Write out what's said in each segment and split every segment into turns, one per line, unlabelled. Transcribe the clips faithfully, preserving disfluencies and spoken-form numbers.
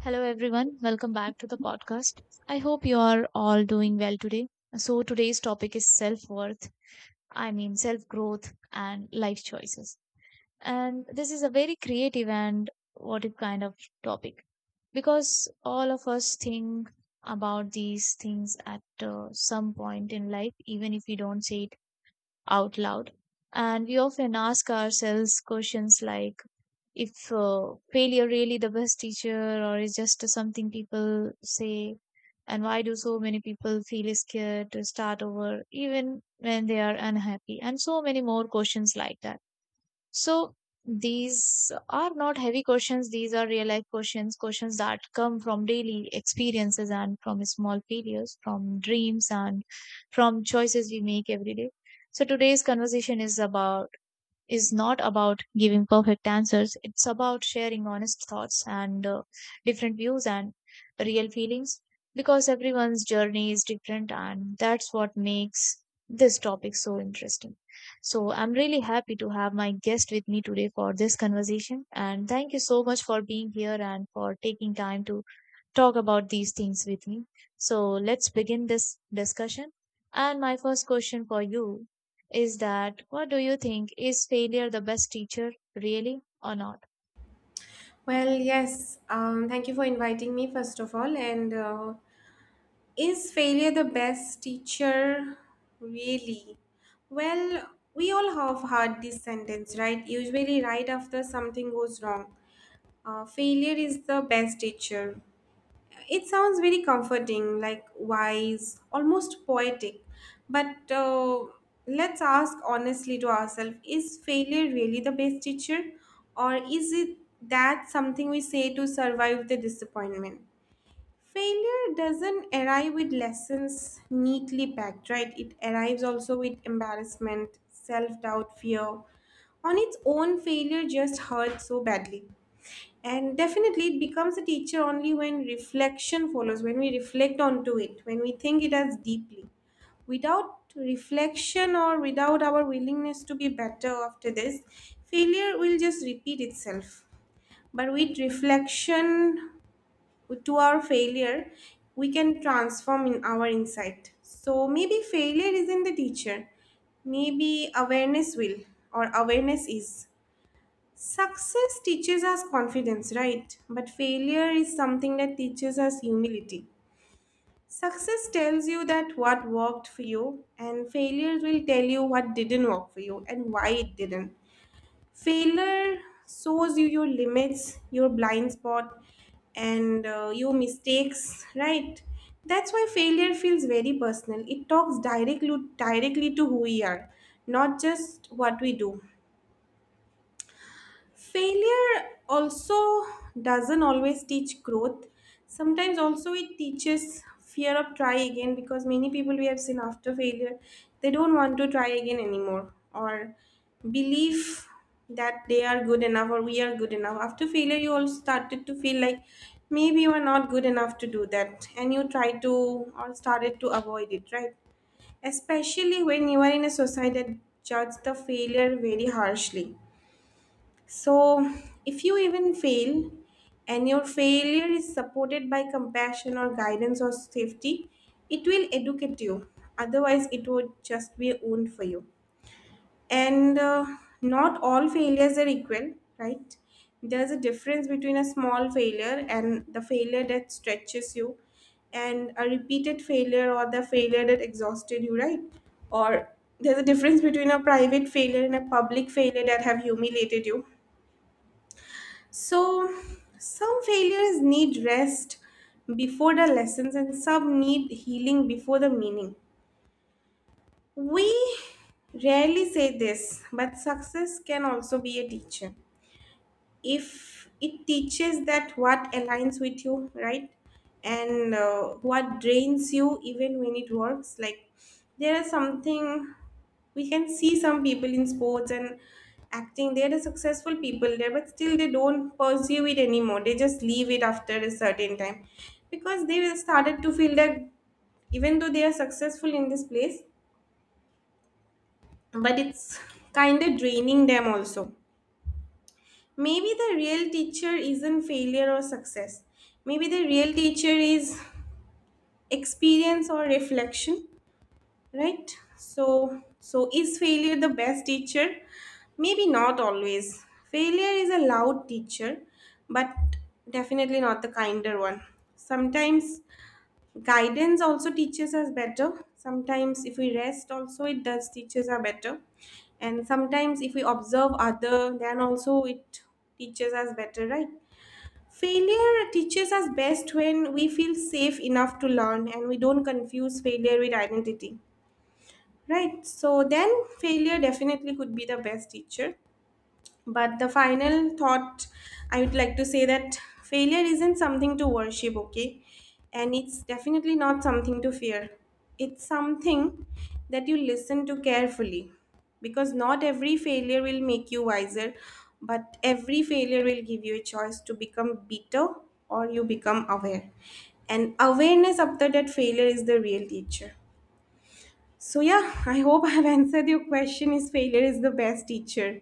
Hello, everyone. Welcome back to the podcast. I hope you are all doing well today. So, today's topic is self worth, I mean, self growth and life choices. And this is a very creative and what it kind of topic because all of us think about these things at uh, some point in life, even if we don't say it out loud. And we often ask ourselves questions like, if uh, failure really the best teacher or is just something people say, and why do so many people feel scared to start over even when they are unhappy, and so many more questions like that. So these are not heavy questions, these are real life questions, questions that come from daily experiences and from small failures, from dreams and from choices we make every day. So today's conversation is about is not about giving perfect answers. It's about sharing honest thoughts and uh, different views and real feelings, because everyone's journey is different, and that's what makes this topic so interesting. So, I'm really happy to have my guest with me today for this conversation. And thank you so much for being here and for taking time to talk about these things with me. So let's begin this discussion. And my first question for you is that, what do you think? Is failure the best teacher, really, or not?
Well, yes. Um, thank you for inviting me, first of all. And uh, is failure the best teacher? Really? Well, we all have heard this sentence, right? Usually, right after something goes wrong. Uh, failure is the best teacher. It sounds very comforting, like wise, almost poetic. But uh, let's ask honestly to ourselves is failure really the best teacher? Or is it that something we say to survive the disappointment? Failure doesn't arrive with lessons neatly packed, right? It arrives also with embarrassment, self doubt, fear. On its own, failure just hurts so badly. And definitely, it becomes a teacher only when reflection follows, when we reflect onto it, when we think it as deeply. Without reflection or without our willingness to be better after this, failure will just repeat itself. But with reflection to our failure, we can transform in our insight. So maybe failure isn't the teacher, maybe awareness will or awareness is. Success teaches us confidence, right? But failure is something that teaches us humility. Success tells you that what worked for you, and failure will tell you what didn't work for you and why it didn't. Failure shows you your limits, your blind spot, and uh, your mistakes, right? That's why failure feels very personal. It talks directly directly to who we are, not just what we do. Failure also doesn't always teach growth, sometimes also it teaches fear of try again, because many people we have seen after failure, they don't want to try again anymore, or believe that they are good enough, or we are good enough after failure you all started to feel like maybe you are not good enough to do that and you try to or started to avoid it, right? Especially when you are in a society that judge the failure very harshly. So, if you even fail and your failure is supported by compassion or guidance or safety, it will educate you. Otherwise, it would just be a wound for you. And uh, not all failures are equal, right? There's a difference between a small failure and the failure that stretches you, and a repeated failure or the failure that exhausted you, right? Or there's a difference between a private failure and a public failure that have humiliated you. So, some failures need rest before the lessons, and some need healing before the meaning. We rarely say this, but success can also be a teacher if it teaches that what aligns with you, right? and uh, what drains you even when it works, like there is something we can see, some people in sports and acting, they're the successful people there, but still they don't pursue it anymore, they just leave it after a certain time because they will started to feel that even though they are successful in this place, but it's kind of draining them also. Maybe the real teacher isn't failure or success. Maybe the real teacher is experience or reflection, right? So, so is failure the best teacher? Maybe not always. Failure is a loud teacher, but definitely not the kinder one. Sometimes guidance also teaches us better. Sometimes if we rest also it does teaches us better. And sometimes if we observe other then also it teaches us better, right? Failure teaches us best when we feel safe enough to learn and we don't confuse failure with identity. Right? So then failure definitely could be the best teacher. But the final thought I would like to say that failure isn't something to worship, okay? And it's definitely not something to fear. It's something that you listen to carefully, because not every failure will make you wiser, but every failure will give you a choice to become better or you become aware. And awareness after that failure is the real teacher. So, yeah, I hope I've answered your question is failure is the best teacher.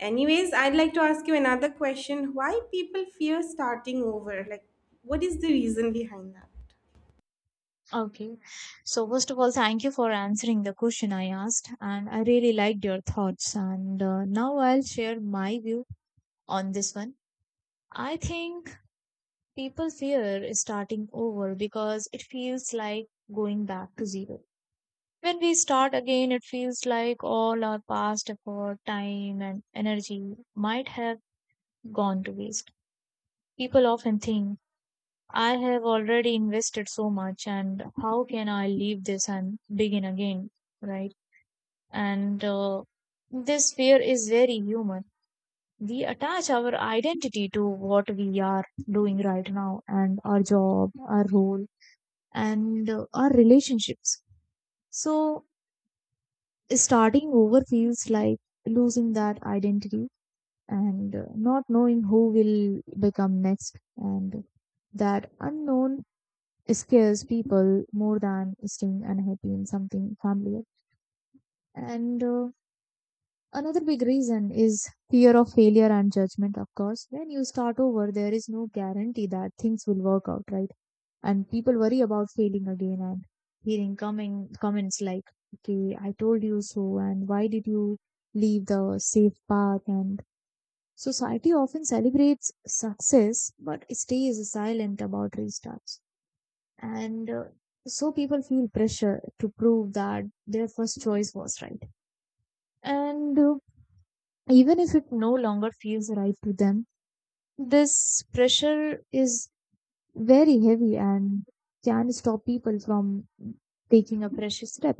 Anyways, I'd like to ask you another question. Why people fear starting over? Like, what is the reason behind that?
Okay. So, first of all, thank you for answering the question I asked, and I really liked your thoughts. And uh, now I'll share my view on this one. I think people fear starting over because it feels like going back to zero. When we start again, it feels like all our past effort, time, and energy might have gone to waste. People often think, I have already invested so much, and how can I leave this and begin again? Right? And uh, this fear is very human. We attach our identity to what we are doing right now, and our job, our role, and uh, our relationships. So, starting over feels like losing that identity and uh, not knowing who will become next, and that unknown scares people more than staying unhappy in something familiar. And uh, another big reason is fear of failure and judgment. Of course, when you start over, there is no guarantee that things will work out, right? And people worry about failing again and hearing coming comments like, okay, I told you so, and why did you leave the safe path? And society often celebrates success but stays silent about restarts. And uh, so people feel pressure to prove that their first choice was right, and uh, even if it no longer feels right to them, this pressure is very heavy and can stop people from taking a precious step.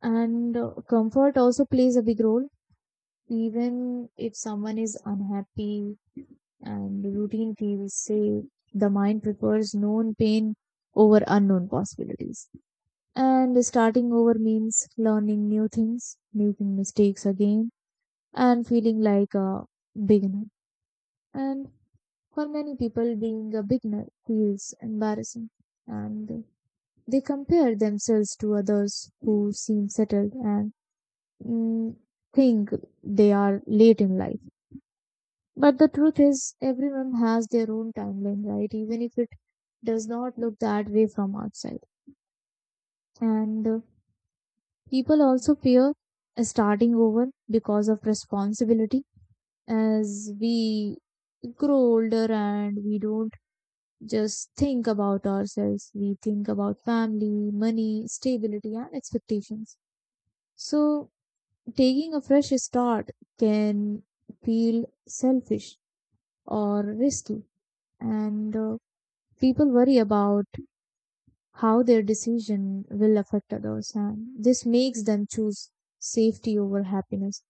And uh, comfort also plays a big role. Even if someone is unhappy and the routine feels safe, the mind prefers known pain over unknown possibilities. And starting over means learning new things, making mistakes again, and feeling like a beginner. And for many people, being a beginner feels embarrassing. And they compare themselves to others who seem settled and mm, think they are late in life. But the truth is, everyone has their own timeline, right? Even if it does not look that way from outside. And uh, people also fear starting over because of responsibility. As we grow older, and we don't just think about ourselves, we think about family, money, stability, and expectations. So, taking a fresh start can feel selfish or risky, and uh, people worry about how their decision will affect others, and this makes them choose safety over happiness,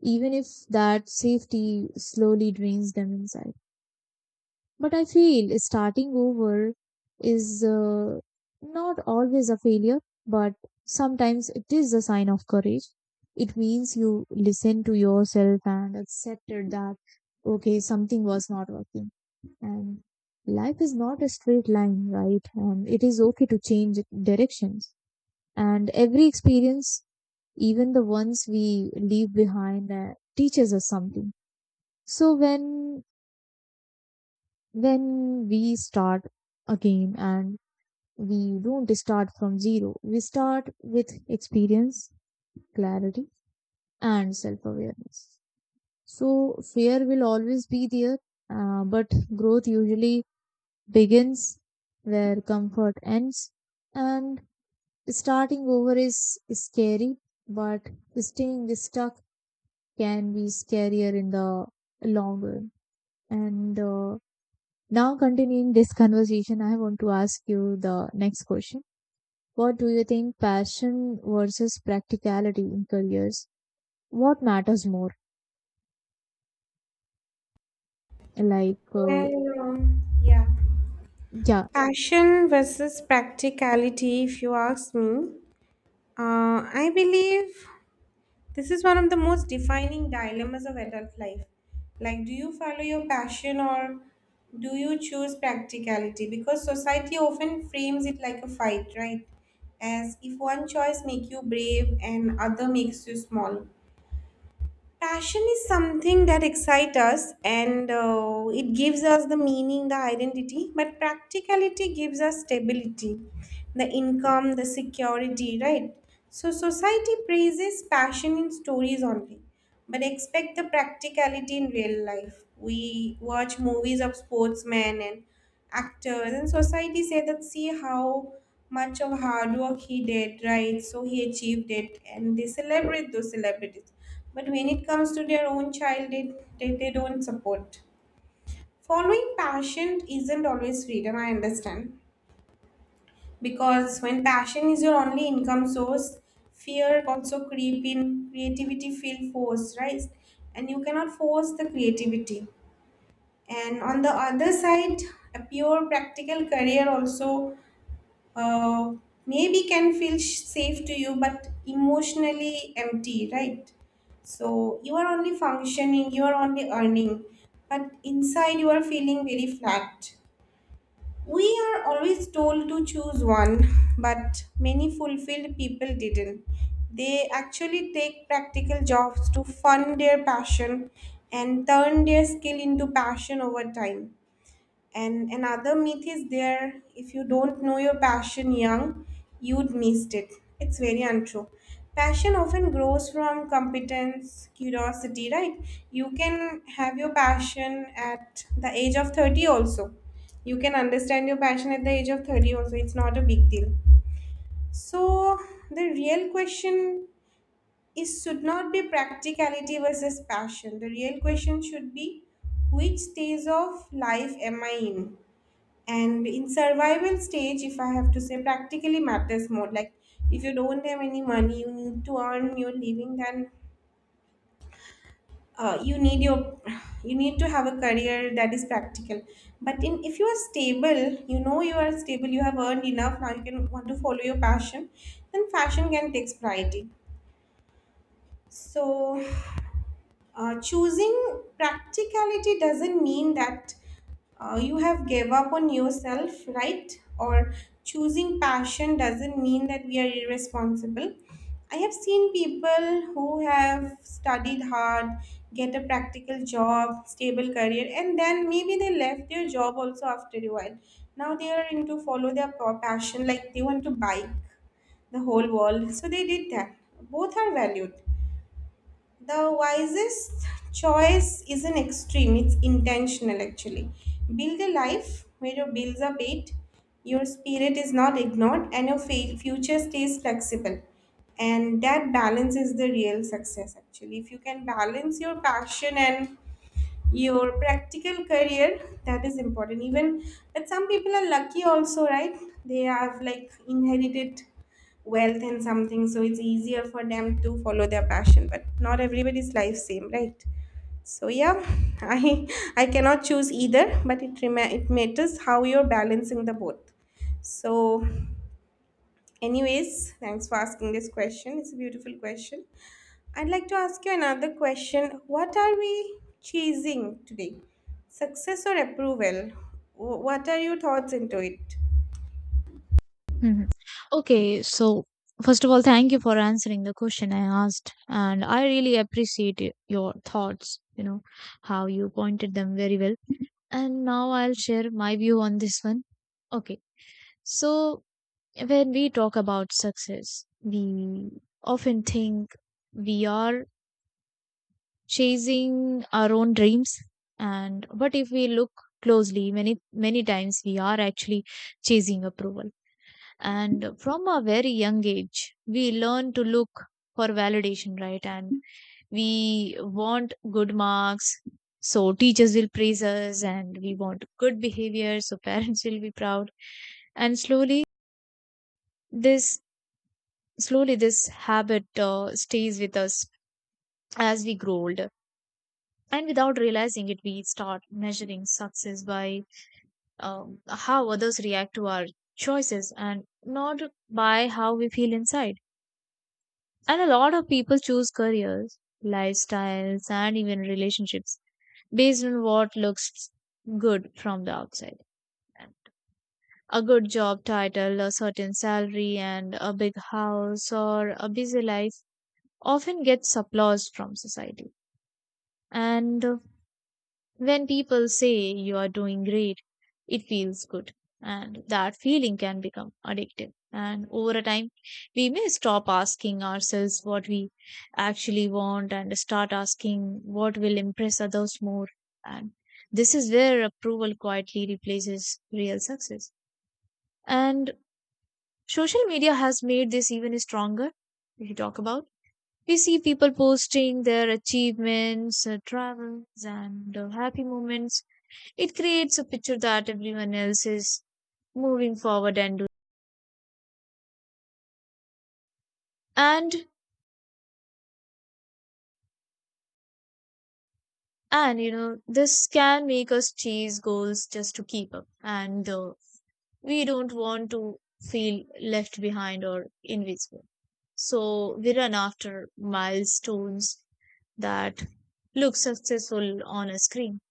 even if that safety slowly drains them inside. But I feel starting over is uh, not always a failure, but sometimes it is a sign of courage. It means you listen to yourself and accepted that, okay, something was not working. And life is not a straight line, right? And it is okay to change directions. And every experience, even the ones we leave behind, uh, teaches us something. So when when we start again, and We don't start from zero. We start with experience, clarity, and self awareness. So, fear will always be there, uh, but growth usually begins where comfort ends. And starting over is scary, but staying stuck can be scarier in the long run. And uh, now, continuing this conversation, I want to ask you the next question. What do you think, passion versus practicality in careers? What matters more? Like, uh,
Well, um, yeah.
yeah.
Passion versus practicality, if you ask me. Uh, I believe this is one of the most defining dilemmas of adult life. Like, do you follow your passion or do you choose practicality? Because society often frames it like a fight, right? As if one choice makes you brave and other makes you small. Passion is something that excites us and uh, it gives us the meaning, the identity, but practicality gives us stability, the income, the security, right? So, society praises passion in stories only. But expect the practicality in real life. We watch movies of sportsmen and actors, and society say that see how much of hard work he did, right? So he achieved it, and they celebrate those celebrities. But when it comes to their own child, they, they, they don't support. Following passion isn't always freedom, I understand, because when passion is your only income source, fear also creep in, creativity feel forced, right? And you cannot force the creativity. And on the other side, a pure practical career also, uh, maybe can feel sh- safe to you but emotionally empty, right? So you are only functioning, you are only earning, but inside you are feeling very flat. We are always told to choose one, but many fulfilled people didn't. They actually take practical jobs to fund their passion and turn their skill into passion over time. And another myth is there, if you don't know your passion young, you'd missed it. It's very untrue. Passion often grows from competence, curiosity, right? You can have your passion at the age of thirty also. You can understand your passion at the age of thirty also. It's not a big deal. So, the real question is should not be practicality versus passion. The real question should be which stage of life am I in? And in survival stage, if I have to say, practically matters more. Like, if you don't have any money, you need to earn your living, then uh, you need your you need to have a career that is practical. But in, if you are stable, you know you are stable, you have earned enough, now you can want to follow your passion, then fashion can take priority. So, Uh, choosing practicality doesn't mean that uh, you have gave up on yourself, right? Or choosing passion doesn't mean that we are irresponsible. I have seen people who have studied hard, get a practical job, stable career, and then maybe they left their job also after a while. Now they are into follow their pa- passion, like they want to bike the whole world. So they did that. Both are valued. The wisest choice is an extreme, it's intentional actually. Build a life where your bills are paid, your spirit is not ignored, and your fa- future stays flexible. And that balance is the real success actually. If you can balance your passion and your practical career, that is important even. But some people are lucky also, right? They have like inherited wealth and something, so it's easier for them to follow their passion, but not everybody's life same, right? So yeah, i i cannot choose either, but it rema- it matters how you're balancing the both. So, anyways, thanks for asking this question. It's a beautiful question. I'd like to ask you another question. What are we chasing today? Success or approval? Wh- What are your thoughts into it?
Mhm. Okay, so first of all, thank you for answering the question I asked, and I really appreciate y- your thoughts, you know, how you pointed them very well. And now I'll share my view on this one. Okay, so when we talk about success, we often think we are chasing our own dreams, and but if we look closely, many many times we are actually chasing approval. And from a very young age, we learn to look for validation, right? And we want good marks so teachers will praise us, and we want good behavior so parents will be proud. And slowly this slowly this habit uh, stays with us as we grow older, and without realizing it, we start measuring success by um, how others react to our choices and not by how we feel inside. And a lot of people choose careers, lifestyles, and even relationships based on what looks good from the outside. A good job title, a certain salary, and a big house or a busy life often gets applause from society. And uh, when people say you are doing great, it feels good. And that feeling can become addictive. And over a time, we may stop asking ourselves what we actually want and start asking what will impress others more. And this is where approval quietly replaces real success. And social media has made this even stronger. If you talk about, we see people posting their achievements, uh, travels, and uh, happy moments. It creates a picture that everyone else is moving forward and do, and and you know, this can make us chase goals just to keep up. And uh, we don't want to feel left behind or invisible, so we run after milestones that look successful on a screen,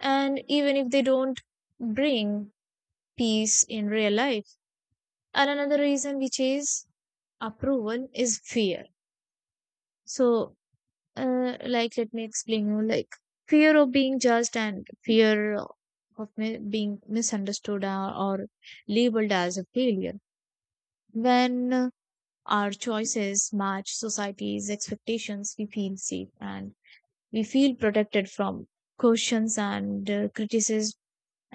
and even if they don't bring peace in real life. And another reason we chase approval is fear. So Uh, like, let me explain you. Like, fear of being judged, and fear of mi- being misunderstood, or, or labeled as a failure. When uh, our choices match society's expectations, we feel safe and we feel protected from questions and uh, criticism.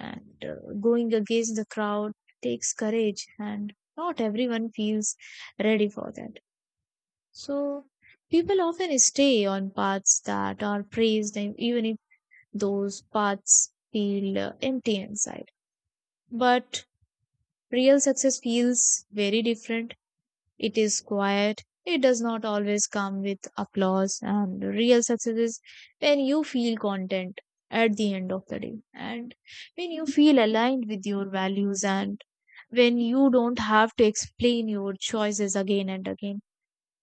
And uh, going against the crowd takes courage, and not everyone feels ready for that. So people often stay on paths that are praised, and even if those paths feel uh, empty inside. But real success feels very different. It is quiet. It does not always come with applause. And real success is when you feel content at the end of the day, and when you feel aligned with your values, and when you don't have to explain your choices again and again.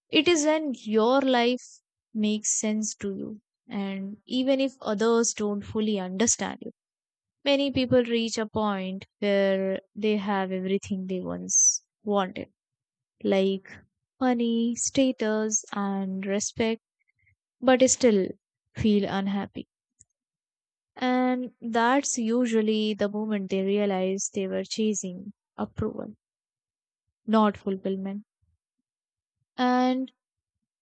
It is when your life makes sense to you, and even if others don't fully understand you. Many people reach a point where they have everything they once wanted, like money, status, and respect, but still feel unhappy. And that's usually the moment they realize they were chasing approval, not fulfillment. And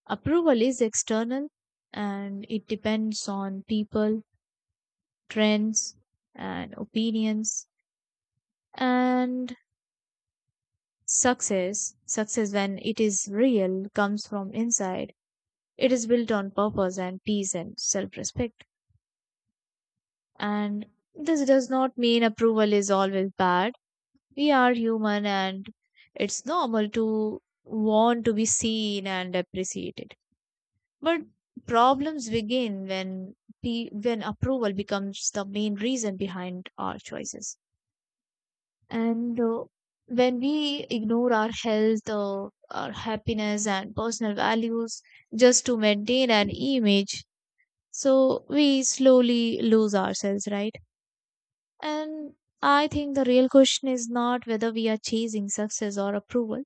approval is external, and it depends on people, trends, and opinions. And success success, when it is real, comes from inside. It is built on purpose and peace and self-respect. And this does not mean approval is always bad. We are human, and it's normal to want to be seen and appreciated. But problems begin when pe- when approval becomes the main reason behind our choices. And uh, when we ignore our health, uh, our happiness, and personal values just to maintain an image, so we slowly lose ourselves, right? And I think the real question is not whether we are chasing success or approval,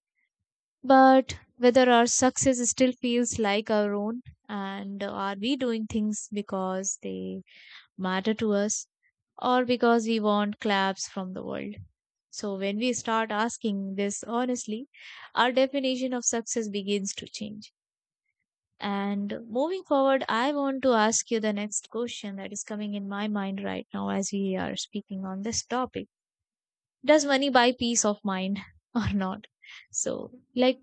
but whether our success still feels like our own, and are we doing things because they matter to us, or because we want claps from the world? So when we start asking this honestly, our definition of success begins to change. And moving forward, I want to ask you the next question that is coming in my mind right now as we are speaking on this topic. Does money buy peace of mind, or not? So, like,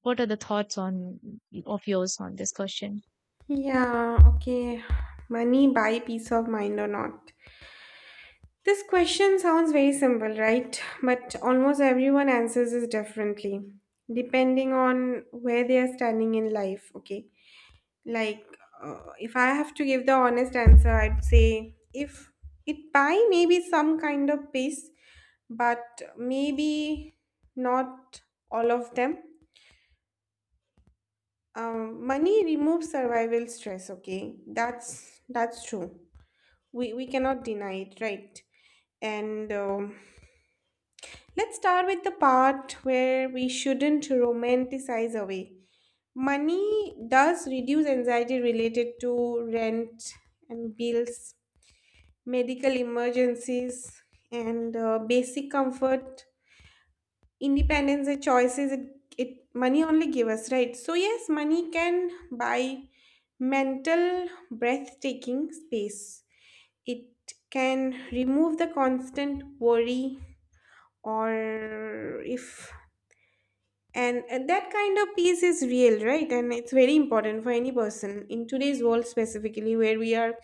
what are the thoughts on of yours on this question?
Yeah, okay. Money buy peace of mind or not? This question sounds very simple, right? But almost everyone answers this differently, depending on where they are standing in life, okay? Like, uh, if I have to give the honest answer, I'd say if it buy maybe some kind of peace, but maybe not all of them. Um, money removes survival stress. Okay, that's that's true. We we cannot deny it, right? And um, let's start with the part where we shouldn't romanticize away. Money does reduce anxiety related to rent and bills, medical emergencies, and uh, basic comfort, independence, and choices. it, it money only give us, right? So yes, money can buy mental breathtaking space. It can remove the constant worry or if and, and that kind of peace is real, right? And it's very important for any person in today's world, specifically where we are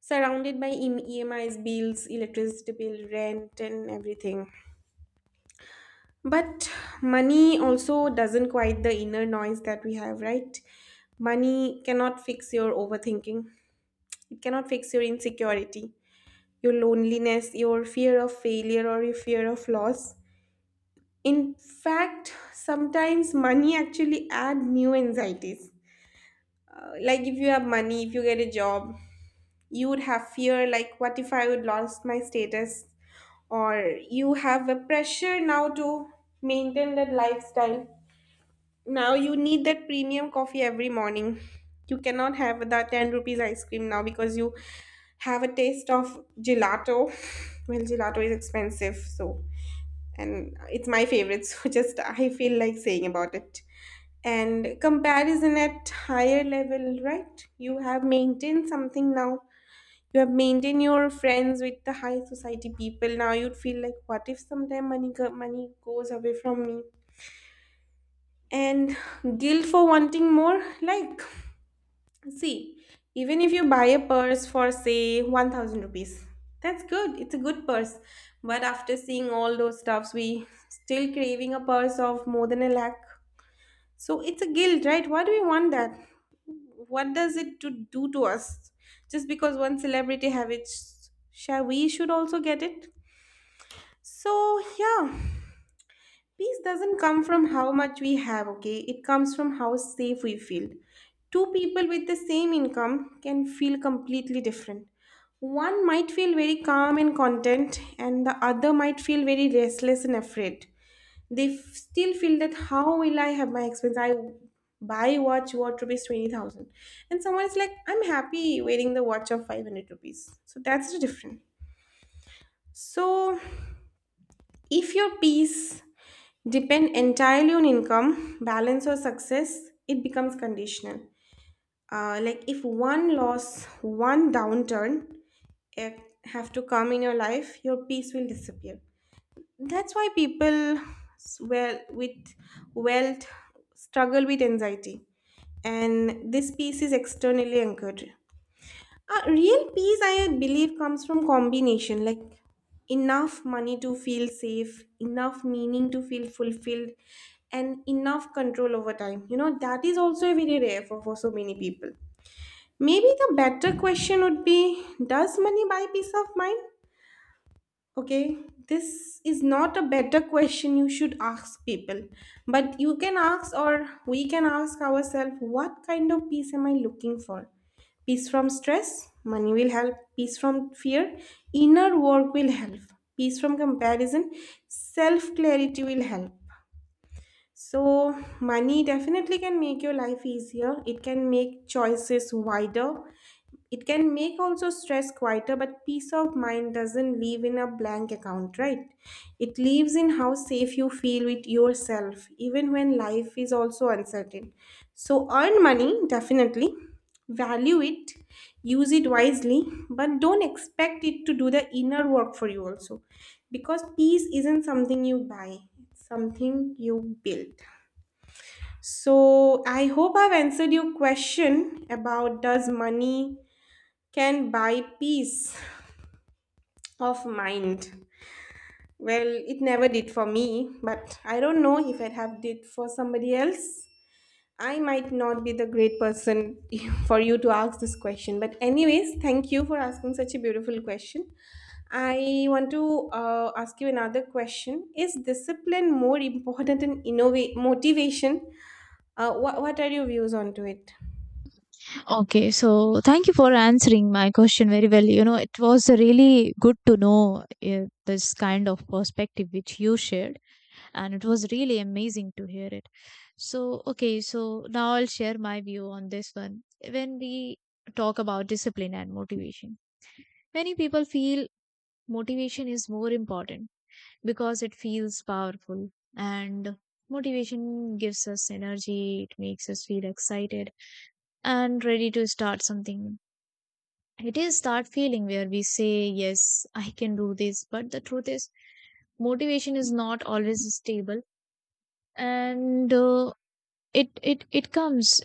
surrounded by em- E M Is, bills, electricity bill, rent, and everything. But money also doesn't quiet the inner noise that we have, right? Money cannot fix your overthinking, it cannot fix your insecurity, your loneliness, your fear of failure, or your fear of loss. In fact, sometimes money actually add new anxieties. Uh, like if you have money, if you get a job, you would have fear like what if I would lost my status, or you have a pressure now to maintain that lifestyle. Now you need that premium coffee every morning, you cannot have that ten rupees ice cream now because you have a taste of gelato. Well, gelato is expensive, so, and it's my favorite. So just I feel like saying about it. And comparison at higher level, right? You have maintained something now, you have maintained your friends with the high society people. Now you'd feel like, what if sometime money go- money goes away from me? And guilt for wanting more, like, see, even if you buy a purse for say one thousand rupees, that's good, it's a good purse. But after seeing all those stuffs we still craving a purse of more than a lakh. So it's a guilt, right? Why do we want that? What does it to do to us? Just because one celebrity have it, shall we should also get it? So yeah, peace doesn't come from how much we have, okay? It comes from how safe we feel. Two people with the same income can feel completely different. One might feel very calm and content, and the other might feel very restless and afraid. They f- still feel that how will I have my expense? I buy watch worth rupees twenty thousand, and someone is like, I'm happy wearing the watch of five hundred rupees. So that's the difference. So if your peace depend entirely on income, balance, or success, it becomes conditional. Uh, like if one loss, one downturn, eh, have to come in your life, your peace will disappear. That's why people s- well, with wealth, struggle with anxiety, and this peace is externally anchored. A real peace, I believe, comes from combination like enough money to feel safe, enough meaning to feel fulfilled, and enough control over time. You know, that is also very rare for, for so many people. Maybe the better question would be, does money buy peace of mind? Okay, this is not a better question you should ask people, but you can ask, or we can ask ourselves, what kind of peace am I looking for? Peace from stress, money will help. Peace from fear, inner work will help. Peace from comparison, self clarity will help. So, money definitely can make your life easier. It can make choices wider. It can make also stress quieter, but peace of mind doesn't live in a blank account, right? It lives in how safe you feel with yourself, even when life is also uncertain. So earn money, definitely. Value it, use it wisely, but don't expect it to do the inner work for you also. Because peace isn't something you buy, it's something you build. So I hope I've answered your question about does money can buy peace of mind. Well, it never did for me, but I don't know if it have did for somebody else. I might not be the great person for you to ask this question, but anyways, thank you for asking such a beautiful question. I want to uh, ask you another question. Is discipline more important than innovate motivation? Uh, what what are your views onto it?
Okay, so thank you for answering my question very well. You know, it was really good to know uh, this kind of perspective which you shared. And it was really amazing to hear it. So, okay, so now I'll share my view on this one. When we talk about discipline and motivation, many people feel motivation is more important because it feels powerful and motivation gives us energy, it makes us feel excited and ready to start something. It is that feeling where we say, "Yes, I can do this." But the truth is, motivation is not always stable, and uh, it it it comes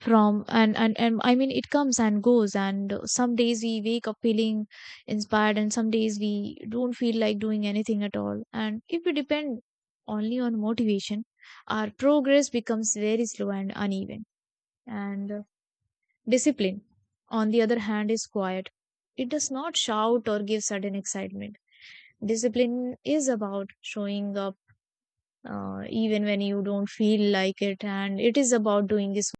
from and, and and I mean it comes and goes, and some days we wake up feeling inspired and some days we don't feel like doing anything at all, and if we depend only on motivation our progress becomes very slow and uneven. And uh, Discipline, on the other hand, is quiet. It does not shout or give sudden excitement. Discipline is about showing up uh, even when you don't feel like it, and it is about doing this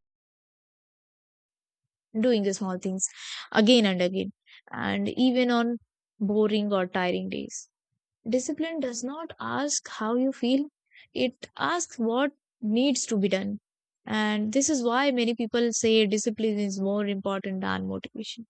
doing the small things again and again, and even on boring or tiring days. Discipline does not ask how you feel, it asks what needs to be done. And this is why many people say discipline is more important than motivation.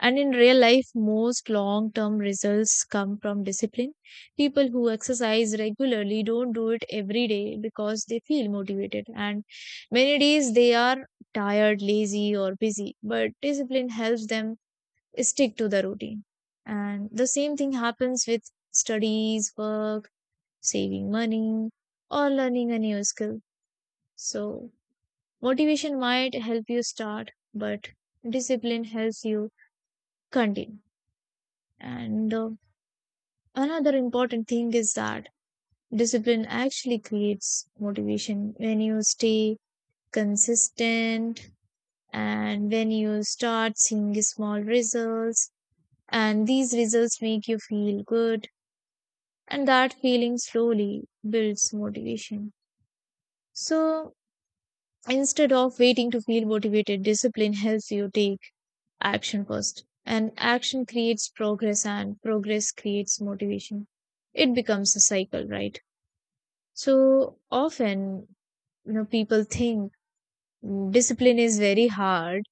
And in real life, most long term results come from discipline. People who exercise regularly don't do it every day because they feel motivated. And many days they are tired, lazy, or busy, but discipline helps them stick to the routine. And the same thing happens with studies, work, saving money, or learning a new skill. So, motivation might help you start, but discipline helps you continue. And uh, Another important thing is that discipline actually creates motivation. When you stay consistent and when you start seeing small results, and these results make you feel good, and that feeling slowly builds motivation. So instead of waiting to feel motivated, discipline helps you take action first. And action creates progress, and progress creates motivation. It becomes a cycle, right? So often, you know, people think mm, discipline is very hard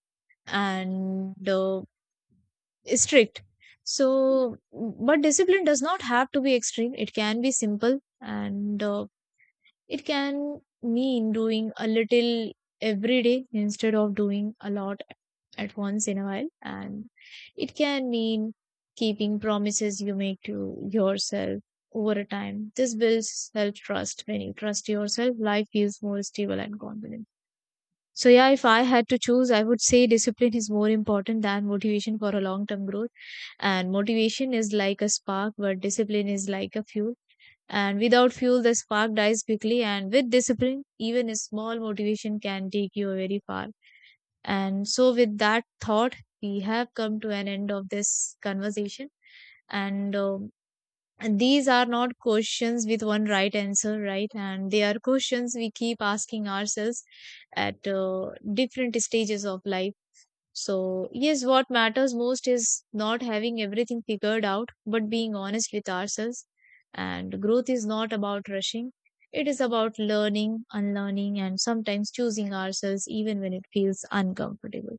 and uh, strict. So, mm, but discipline does not have to be extreme. It can be simple, and uh, it can mean doing a little every day instead of doing a lot at once in a while. And it can mean keeping promises you make to yourself over a time. This builds self trust. When you trust yourself, life feels more stable and confident. So, yeah, if I had to choose, I would say discipline is more important than motivation for a long term growth. And motivation is like a spark, but discipline is like a fuel, and without fuel, the spark dies quickly. And with discipline, even a small motivation can take you very far. And so, with that thought, we have come to an end of this conversation. And um, and these are not questions with one right answer, right? And they are questions we keep asking ourselves at uh, different stages of life. So, yes, what matters most is not having everything figured out, but being honest with ourselves. And growth is not about rushing, it is about learning, unlearning, and sometimes choosing ourselves even when it feels uncomfortable.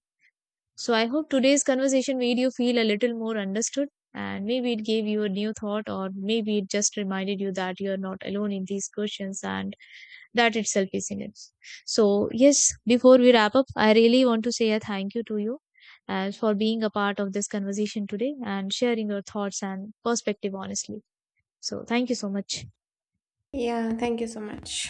So, I hope today's conversation made you feel a little more understood, and maybe it gave you a new thought, or maybe it just reminded you that you are not alone in these questions, and that itself is enough. So, yes, before we wrap up, I really want to say a thank you to you uh, for being a part of this conversation today and sharing your thoughts and perspective honestly. So, thank you so much.
Yeah, thank you so much.